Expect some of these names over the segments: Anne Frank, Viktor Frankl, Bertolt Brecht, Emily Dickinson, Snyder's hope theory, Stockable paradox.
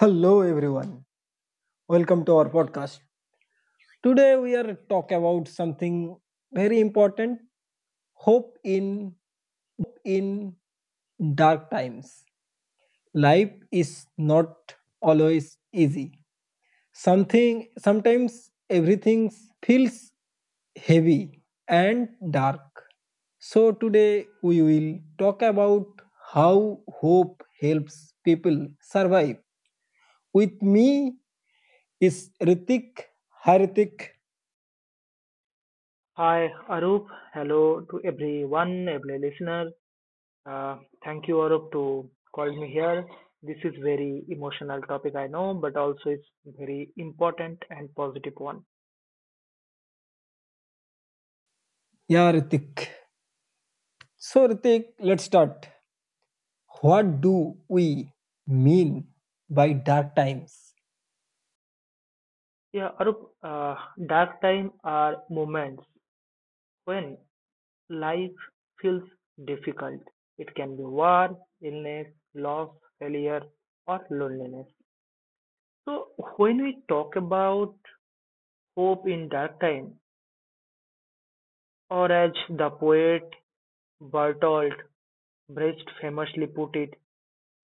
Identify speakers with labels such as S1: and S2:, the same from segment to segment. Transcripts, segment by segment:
S1: Hello everyone. Welcome to our podcast. Today we are talk about something very important, hope in dark times. Life is not always easy. Something sometimes everything feels heavy and dark. So today we will talk about how hope helps people survive. With me is Ritik. Hi Ritik.
S2: Hi, Arup. Hello to everyone, every listener. Uh, thank you, Arup, to call me here. This is very emotional topic, I know, but also it's very important and positive one.
S1: Yeah, Ritik. So, Ritik, let's start. What do we mean by dark times?
S2: Yeah, Arup, uh, dark time are moments when life feels difficult. It can be war, illness, loss, failure, or loneliness. So when we talk about hope in dark time, or as the poet Bertolt Brecht famously put it,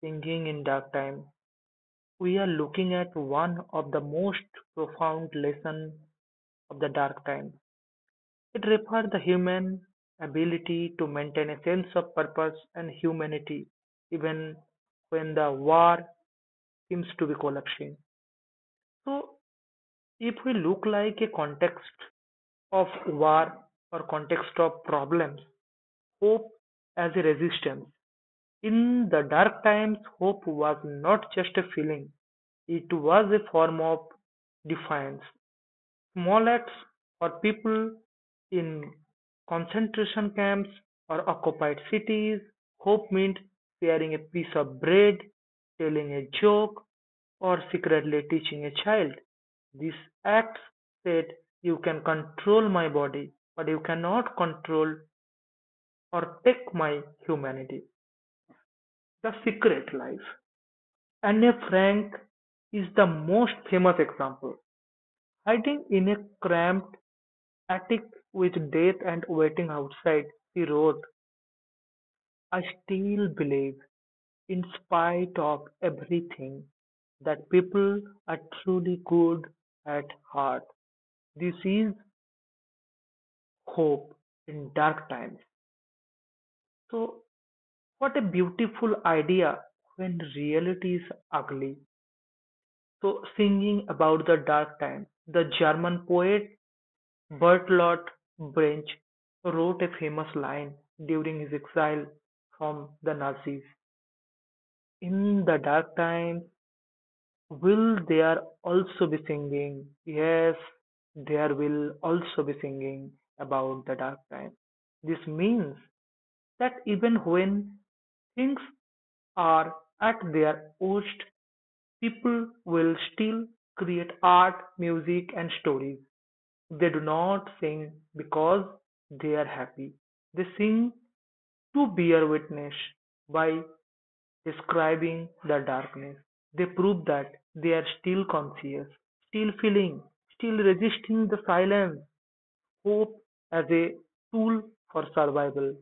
S2: singing in dark time, we are looking at one of the most profound lessons of the dark time. It refers the human ability to maintain a sense of purpose and humanity even when the war seems to be collapsing. So if we look like a context of war or context of problems, hope as a resistance. In the dark times, hope was not just a feeling, it was a form of defiance. Small acts for people in concentration camps or occupied cities, hope meant sharing a piece of bread, telling a joke, or secretly teaching a child. These acts said, "You can control my body, but you cannot control or take my humanity." The secret life. Anne Frank is the most famous example, hiding in a cramped attic with death and waiting outside. She wrote, "I still believe, in spite of everything, that people are truly good at heart." This is hope in dark times. So, what a beautiful idea when reality is ugly. So, singing about the dark times, the German poet Bertolt Brecht wrote a famous line during his exile from the Nazis: "In the dark times will there also be singing? Yes, there will also be singing about the dark times." This means that even when things are at their worst, people will still create art, music, and stories. They do not sing because they are happy. They sing to bear witness. By describing the darkness, they prove that they are still conscious, still feeling, still resisting the silence. Hope as a tool for survival.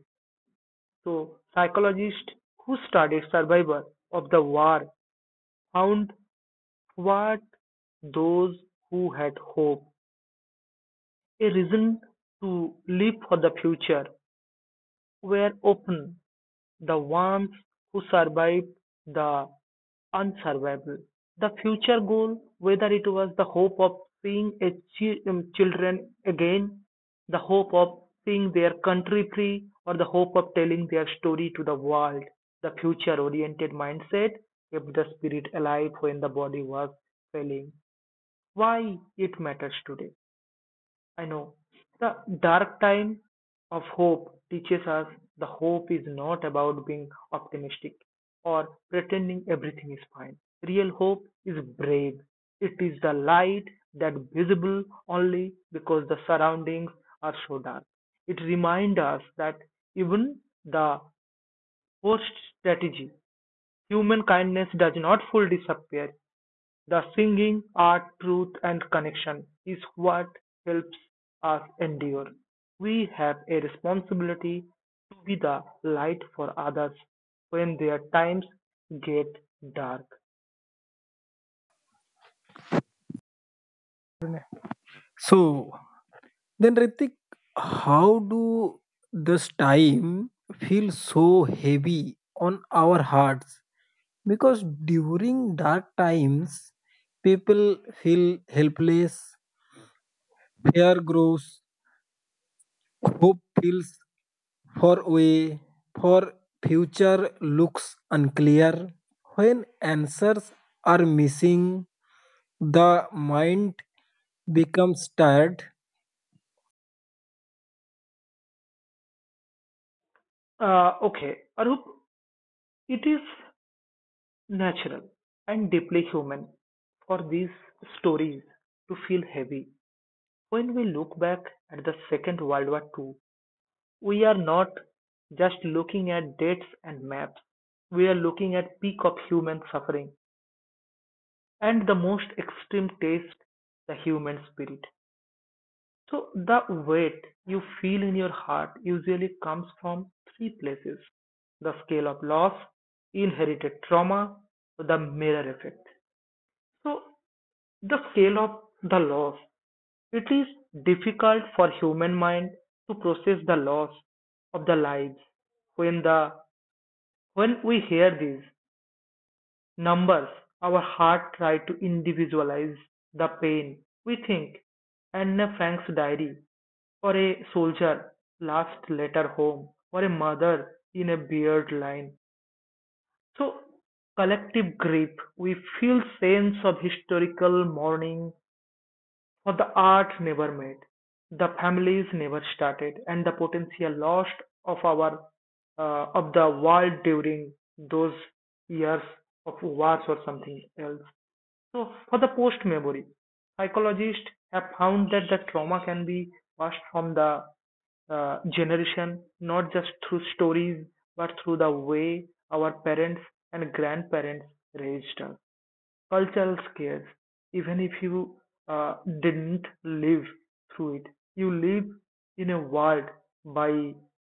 S2: So, psychologists who studied survivors of the war found what those who had hope, a reason to live for the future, were open the ones who survived the unsurvivable. The future goal, whether it was the hope of seeing a children again, the hope of seeing their country free, or the hope of telling their story to the world, the future oriented mindset kept the spirit alive when the body was failing. Why it matters today. I know. The dark time of hope teaches us the hope is not about being optimistic or pretending everything is fine. Real hope is brave. It is the light that visible only because the surroundings are so dark. It reminds us that even the worst strategy, human kindness does not fully disappear. The singing, art, truth, and connection is what helps us endure. We have a responsibility to be the light for others when their times get dark.
S1: So, then, Ritik, how do this time feel so heavy on our hearts? Because during dark times, people feel helpless, fear grows, hope feels far away, for future looks unclear. When answers are missing, the mind becomes tired.
S2: Okay, Arup, it is natural and deeply human for these stories to feel heavy when we look back at the Second World War II. We are not just looking at dates and maps, we are looking at peak of human suffering and the most extreme taste, the human spirit. So the weight you feel in your heart usually comes from three places. The scale of loss, inherited trauma, the mirror effect. So the scale of the loss. It is difficult for human mind to process the loss of the lives when the, when we hear these numbers, our heart tries to individualize the pain. We think Anne Frank's diary, or a soldier last letter home, or a mother in a beard line. So collective grief, we feel sense of historical mourning for the art never made, the families never started, and the potential lost of our of the world during those years of wars or something else. So, for the post memory, psychologists have found that the trauma can be passed from the generation, not just through stories, but through the way our parents and grandparents raised us cultural scares. Even if you uh, didn't live through it, you live in a world by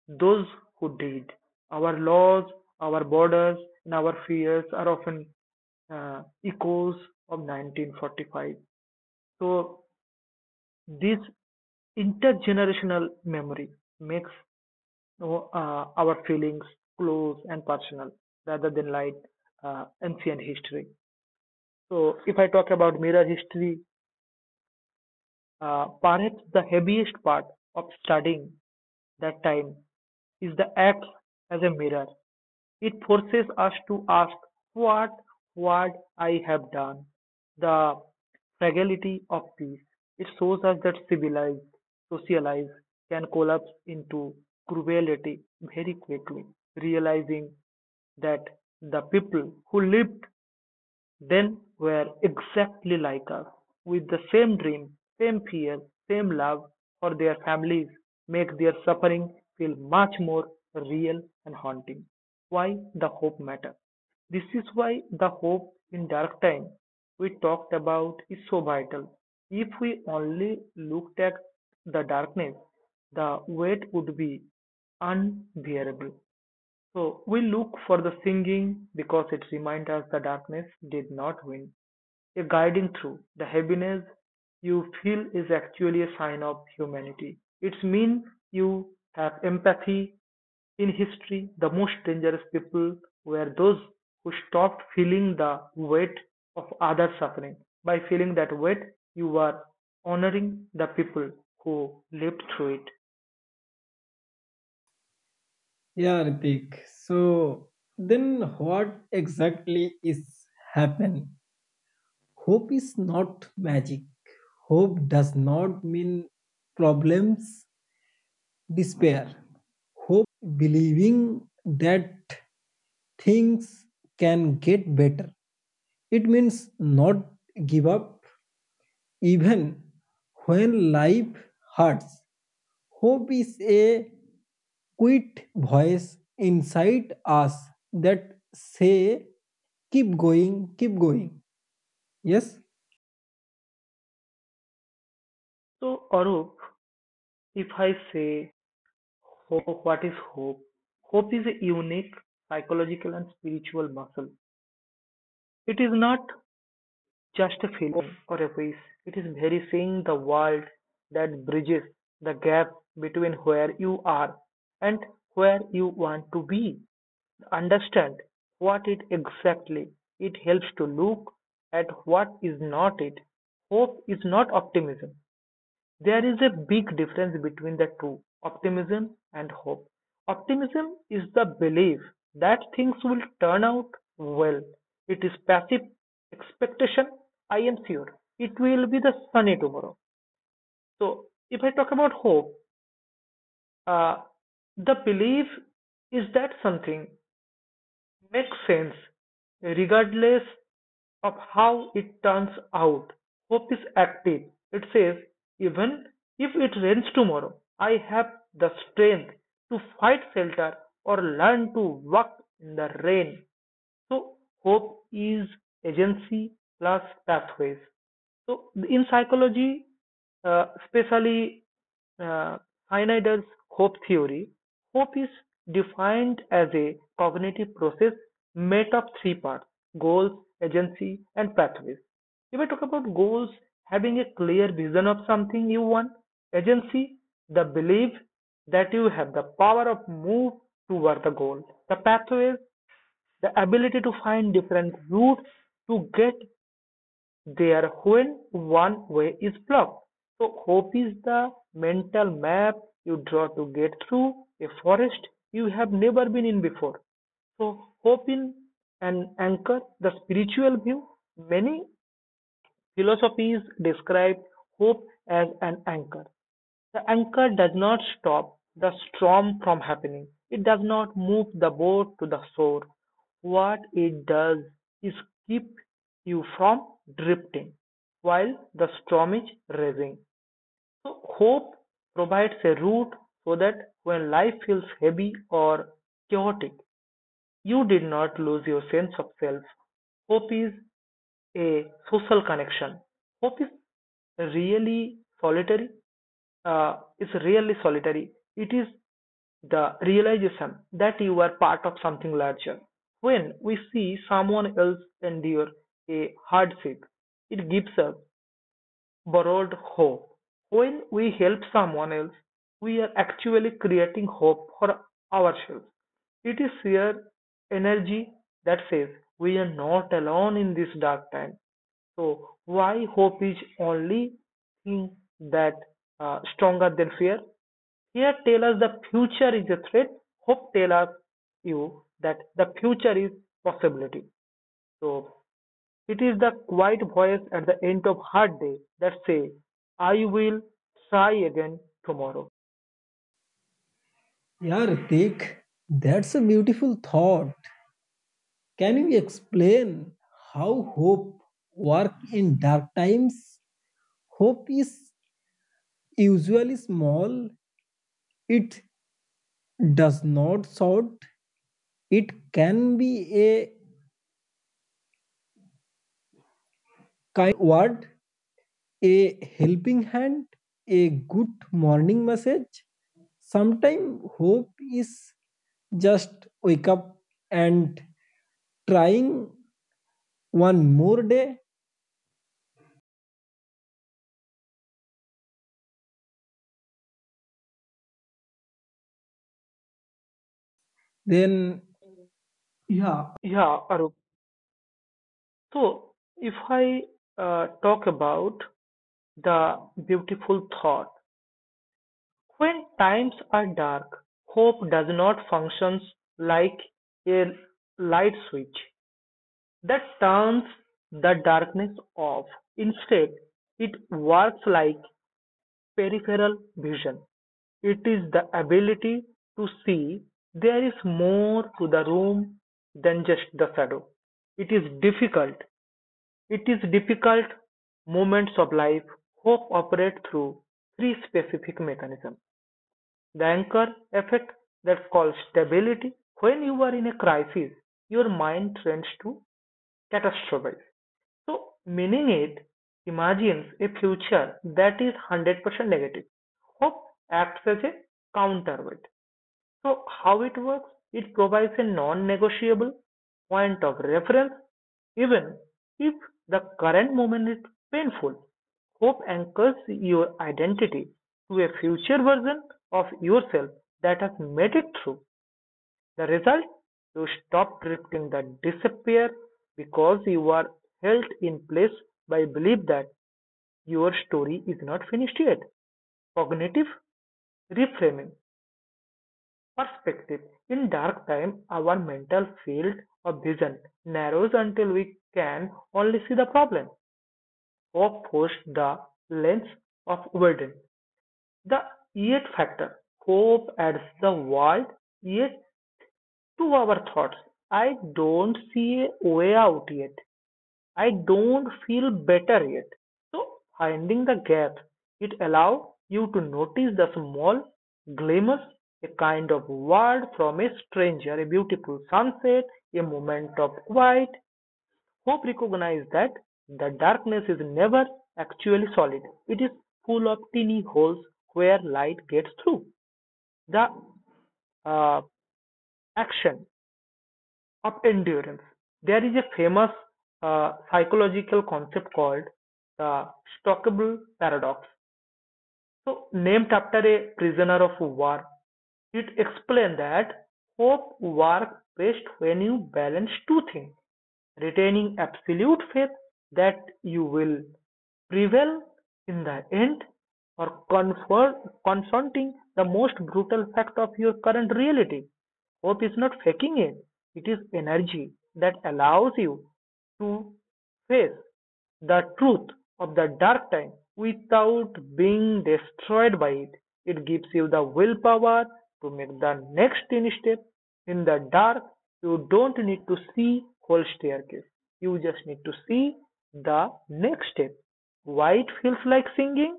S2: those who did. Our laws, our borders, and our fears are often echoes of 1945. So this intergenerational memory makes our feelings close and personal rather than like ancient history. So if I talk about mirror history, perhaps the heaviest part of studying that time is the act as a mirror. It forces us to ask what what I have done. The fragility of peace. It shows us that civilized socialized can collapse into cruelty very quickly, realizing that the people who lived then were exactly like us, with the same dream, same fear, same love for their families, make their suffering feel much more real and haunting. Why the hope matter? This is why the hope in dark time we talked about is so vital. If we only looked at the darkness, the weight would be unbearable. So we look for the singing because it reminds us the darkness did not win. A guiding through the heaviness you feel is actually a sign of humanity. It's mean you have empathy. In history, the most dangerous people were those who stopped feeling the weight of other suffering. By feeling that weight, you are honoring the people who lived through it.
S1: Yeah, Ritik. So then what exactly is happen? Hope is not magic. Hope does not mean problems, despair. Hope means believing that things can get better. It means not give up even when life hurts. Hope is a quiet voice inside us that say keep going, yes.
S2: So, Arup, if I say hope, what is hope? Hope is a unique psychological and spiritual muscle. It is not just a feeling or a wish, it is very seeing the world that bridges the gap between where you are and where you want to be. Understand what it exactly. It helps to look at what is not it. Hope is not optimism. There is a big difference between the two optimism and hope. Optimism is the belief that things will turn out well. It is passive expectation. I am sure it will be the sunny tomorrow. So, if I talk about hope, uh, the belief is that something makes sense, regardless of how it turns out. Hope is active. It says, even if it rains tomorrow, I have the strength to fight shelter or learn to walk in the rain. So hope is agency plus pathways. So in psychology, especially uh, Snyder's hope theory, hope is defined as a cognitive process made of three parts: goals, agency, and pathways. If I talk about goals, having a clear vision of something you want, agency, the belief that you have the power of move toward the goal, the pathways, the ability to find different routes to get there when one way is blocked. So, hope is the mental map you draw to get through a forest you have never been in before. So, hope in an anchor, the spiritual view. Many philosophies describe hope as an anchor. The anchor does not stop the storm from happening. It does not move the boat to the shore. What it does is keep you from drifting while the storm is raging. So, hope provides a route so that when life feels heavy or chaotic, you did not lose your sense of self. Hope is a social connection. Hope is really solitary. It is the realization that you are part of something larger. When we see someone else endure a hardship, it gives us borrowed hope. When we help someone else, we are actually creating hope for ourselves. It is sheer energy that says we are not alone in this dark time. So, why hope is only thing that stronger than fear? Here tell us the future is a threat. Hope tell us you that the future is possibility. So it is the quiet voice at the end of hard day that say, "I will try again tomorrow."
S1: Yeah Ritik, that's a beautiful thought. Can you explain how hope work in dark times? Hope is usually small. It does not shout. It can be a kind word, a helping hand, a good morning message. Sometimes hope is just wake up and trying one more day. Then yeah.
S2: Yeah, Arup. So if I talk about the beautiful thought, when times are dark, hope does not functions like a light switch that turns the darkness off; instead, it works like peripheral vision. It is the ability to see there is more to the room than just the shadow. It is difficult. It is difficult Moments of life. Hope operates through three specific mechanisms. The anchor effect that's called stability. When you are in a crisis, your mind trends to catastrophe. So, meaning it imagines a future that is 100% negative. Hope acts as a counterweight. So, how it works? It provides a non negotiable point of reference, even if the current moment is painful. Hope anchors your identity to a future version of yourself that has made it through. The result? You stop drifting, that disappear because you are held in place by belief that your story is not finished yet. Cognitive reframing perspective. In dark time, our mental field of vision narrows until we can only see the problem. Hope forces the lens of burden. The yet factor. Hope adds the word yet to our thoughts. I don't see a way out yet. I don't feel better yet. So, finding the gap, it allows you to notice the small glimmers, a kind of word from a stranger, a beautiful sunset, a moment of quiet. Hope recognizes that the darkness is never actually solid. It is full of tiny holes where light gets through. The uh, action of endurance. There is a famous psychological concept called the Stockable paradox. So, named after a prisoner of war, it explains that hope works best when you balance two things, retaining absolute faith that you will prevail in the end, or confronting the most brutal fact of your current reality. Hope is not faking it, it is energy that allows you to face the truth of the dark time without being destroyed by it. It gives you the willpower to make the next tiny step. In the dark, you don't need to see whole staircase. You just need to see the next step. Why it feels like singing?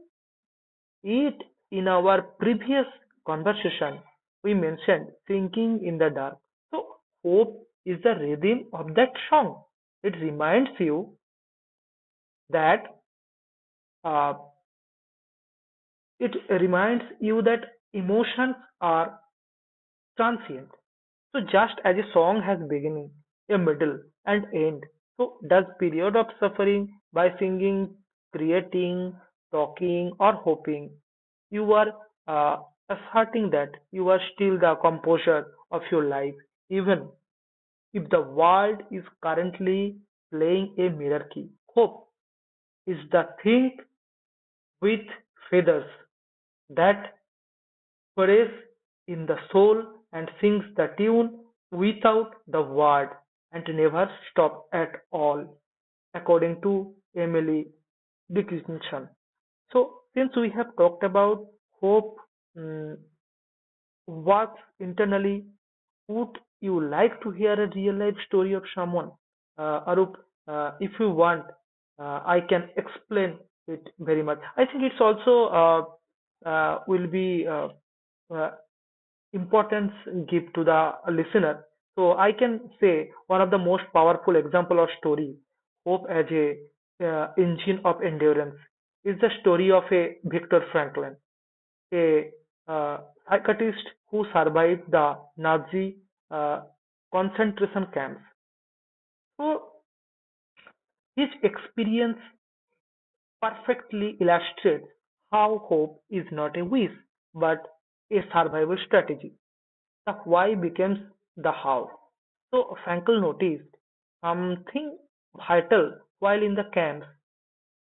S2: It In our previous conversation we mentioned singing in the dark. So hope is the rhythm of that song. It reminds you that uh, It reminds you that emotions are transient. So just as a song has beginning, a middle, and end, so does period of suffering. By singing, creating, talking, or hoping, you are uh, asserting that you are still the composer of your life, even if the world is currently playing a mirror key. Hope is the thing with feathers that prays in the soul and sings the tune without the word and never stops at all, according to Emily Dickinson. So, since we have talked about hope mm, works internally, would you like to hear a real life story of someone? Arup, if you want, I can explain it very much. I think it's also will be uh, importance give to the listener. So I can say one of the most powerful example or story, hope as a engine of endurance, is the story of a Viktor Frankl, a uh, psychiatrist who survived the Nazi uh, concentration camps. So his experience perfectly illustrates how hope is not a wish but a survival strategy. The why becomes the how. So Frankel noticed something vital while in the camps.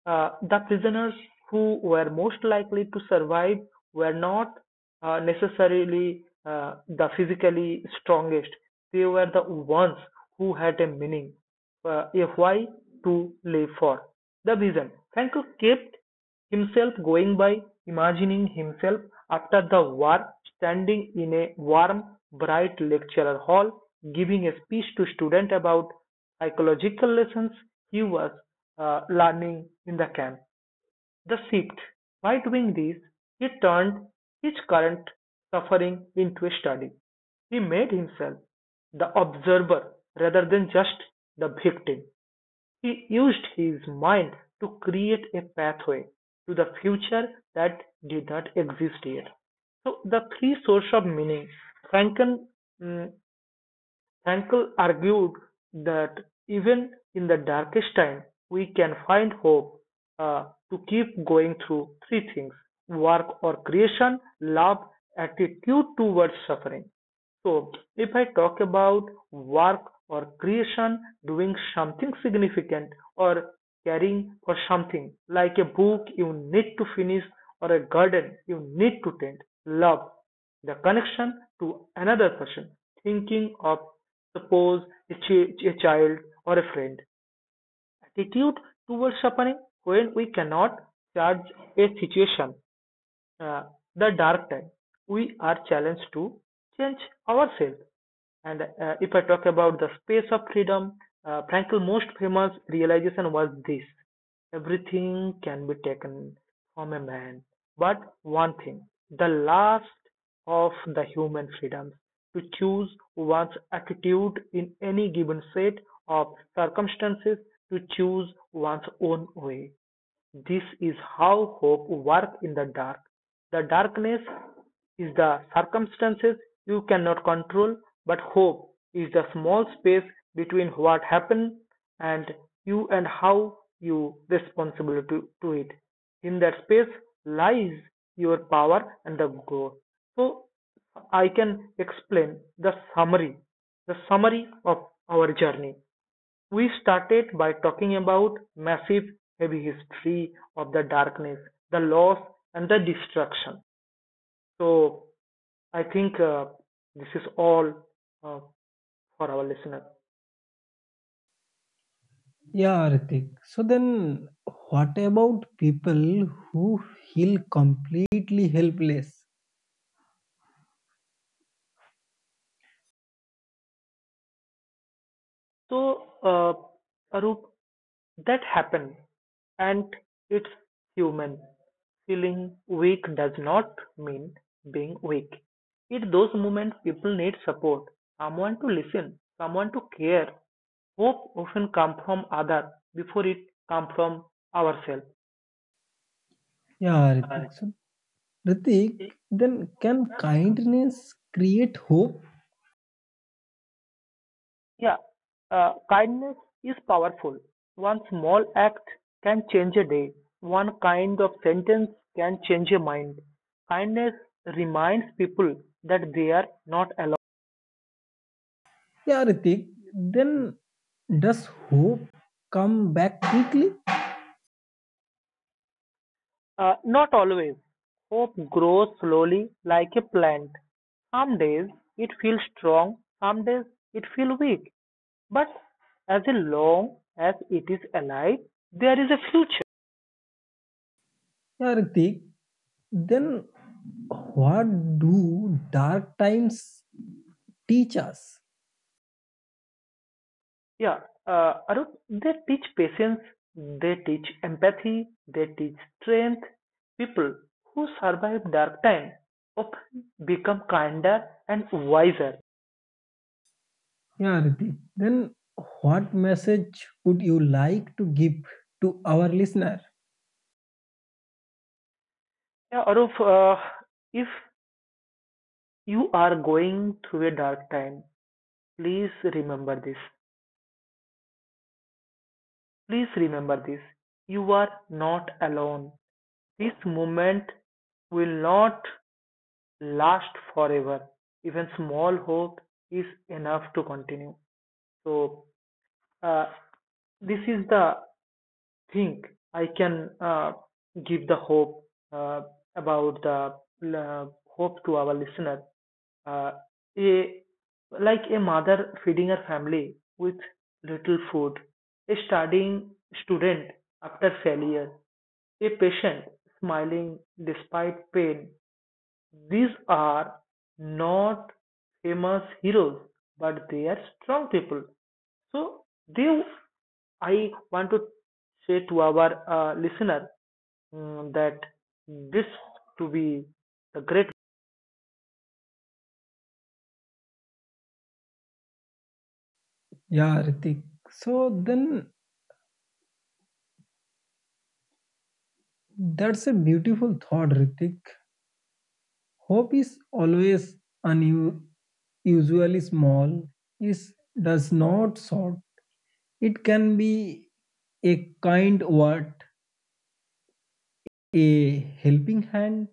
S2: The prisoners who were most likely to survive were not necessarily the physically strongest, they were the ones who had a meaning, a why to live for. The reason Franco kept himself going by imagining himself after the war standing in a warm, bright lecture hall giving a speech to students about psychological lessons he was learning in the camp. The Sixth, by doing this, he turned his current suffering into a study. He made himself the observer rather than just the victim. He used his mind to create a pathway to the future that did not exist yet. So, the three sources of meaning. Franken mm, Hankel argued that even in the darkest time we can find hope to keep going through three things: work or creation, love, attitude towards suffering. So, if I talk about work or creation, doing something significant or caring for something, like a book you need to finish or a garden you need to tend; love, the connection to another person, thinking of, suppose, a child or a friend; attitude towards suffering, when we cannot judge a situation, uh, the dark time, we are challenged to change ourselves. And if I talk about the space of freedom, Frankl's most famous realization was this: everything can be taken from a man, but one thing, the last of the human freedoms, to choose one's attitude in any given set of circumstances, to choose one's own way. This is how hope works in the dark. The darkness is the circumstances you cannot control, but hope is the small space between what happened and you, and how you responsible to it. In that space lies your power and the goal. So I can explain the summary, of our journey. We started by talking about massive heavy history of the darkness, the loss and the destruction. So I think this is all uh, for our listener.
S1: Yeah Ritik, so then what about people who feel completely helpless?
S2: So Arup, that happened and it's human. Feeling weak does not mean being weak. It those moments people need support, someone to listen, someone to care. Hope often comes from others before it comes from ourselves.
S1: Yeah,
S2: Uh,
S1: Ritik. So Ritik, then can kindness create hope?
S2: Yeah, kindness is powerful. One small act can change a day. One kind of sentence can change a mind. Kindness reminds people that they are not alone.
S1: Yeah, Ritik, then does hope come back quickly?
S2: Not always. Hope grows slowly like a plant. Some days it feels strong, some days it feels weak. But as long as it is alive, there is a future.
S1: Yeah, Ritik, then what do dark times teach us?
S2: Yeah. Arun, they teach patience, they teach empathy, they teach strength. People who survive dark times often become kinder and wiser.
S1: Yeah, Ritik, then what message would you like to give to our listener?
S2: Yeah, Arun, if you are going through a dark time, please remember this. Please remember this. You are not alone. This moment will not last forever. Even small hope is enough to continue. So uh, this is the thing I can give the hope uh, about the hope to our listener. Uh, a Like a mother feeding her family with little food, a studying student after failure, a patient smiling despite pain, these are not famous heroes, but they are strong people. So they, I want to say to our listener that this to be the great.
S1: Yeah, Ritik. So then that's a beautiful thought, Ritik. Hope is always unusually small, is does not sort. It can be a kind word, a helping hand,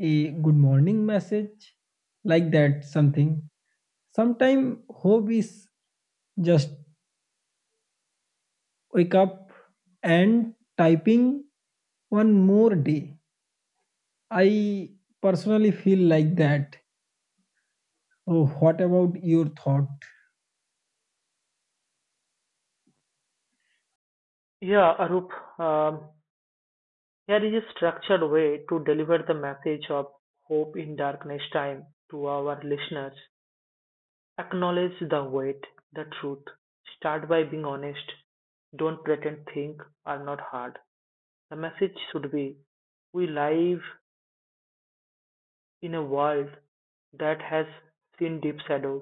S1: a good morning message, like that something. Sometimes hope is just wake up and typing one more day. I personally feel like that. Oh, what about your thought?
S2: Yeah, Arup. Um, here is a structured way to deliver the message of hope in darkness time to our listeners. Acknowledge the weight, the truth. Start by being honest. Don't pretend things are not hard. The message should be: we live in a world that has seen deep shadows.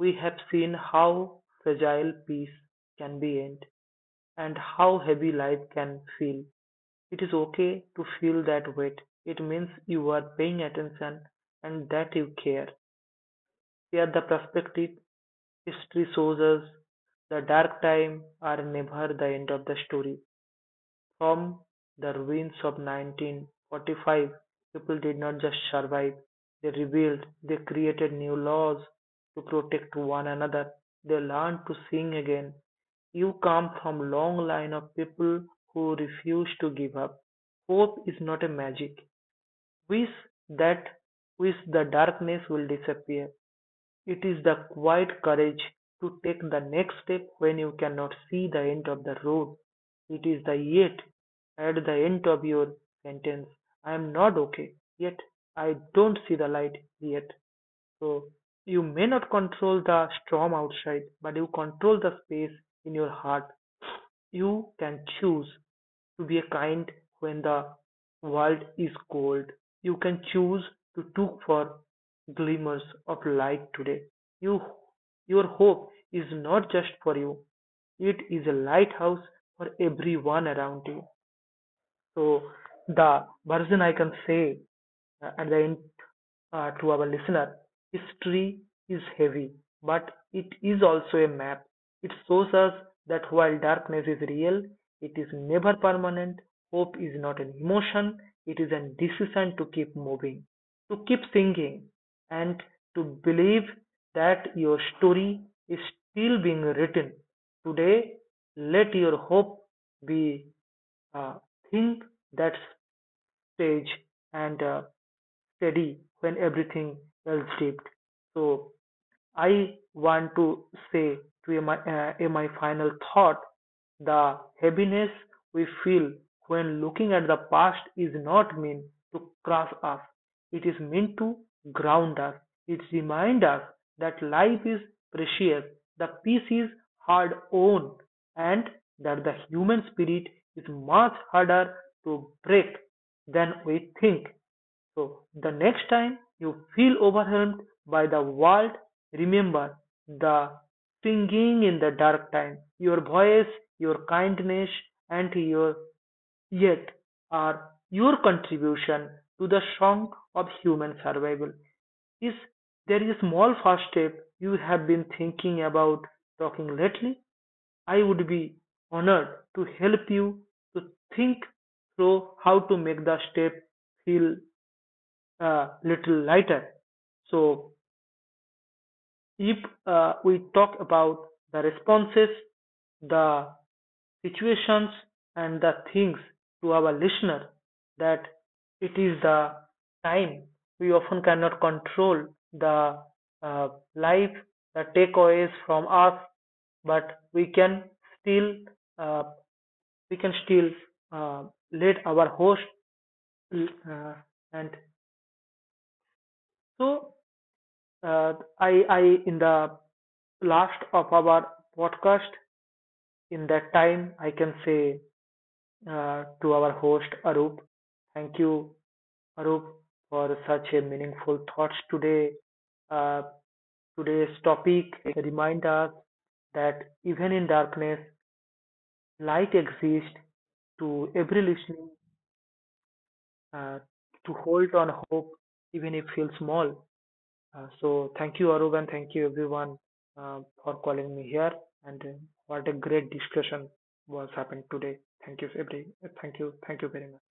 S2: We have seen how fragile peace can be end, and how heavy life can feel. It is okay to feel that weight. It means you are paying attention and that you care. Here, the perspective history shows us the dark time are never the end of the story. From the ruins of 1945, people did not just survive, they rebuilt, they created new laws to protect one another, they learned to sing again. You come from a long line of people who refuse to give up. Hope is not a magic wish that wish the darkness will disappear. It is the quiet courage to take the next step when you cannot see the end of the road. It is the yet at the end of your sentence. I am not okay, yet. I don't see the light, yet. So you may not control the storm outside, but you control the space in your heart. You can choose to be kind when the world is cold. You can choose to look for glimmers of light today. You, your hope is not just for you, it is a lighthouse for everyone around you. So, the version I can say and the to our listener, history is heavy, but it is also a map. It shows us that while darkness is real, it is never permanent. Hope is not an emotion, it is a decision to keep moving, to keep singing, and to believe that your story is still being written. Today, let your hope be a thing that stage and steady when everything else dipped. So I want to say, to in my final thought, the heaviness we feel when looking at the past is not meant to crush us. It is meant to ground us. It reminds us that life is precious, the peace is hard won, and that the human spirit is much harder to break than we think. So, the next time you feel overwhelmed by the world, remember the singing in the dark time. Your voice, your kindness, and your yet are your contribution to the song of human survival. Is there is a small first step you have been thinking about talking lately? I would be honored to help you to think through how to make the step feel little later. So if we talk about the responses, the situations, and the things to our listener, that it is the time we often cannot control the uh, life, the takeaways from us, but still uh, we can still uh, lead our host. Uh, and so uh, I in the last of our podcast. In that time, I can say to our host Arup, thank you, Arup, for such a meaningful thoughts today. Uh, today's topic remind us that even in darkness, light exists to every listening, uh, to hold on hope, even if feels small. So thank you, Arup, and thank you everyone for calling me here. And what a great discussion was happened today. Thank you, every. Thank you. Thank you very much.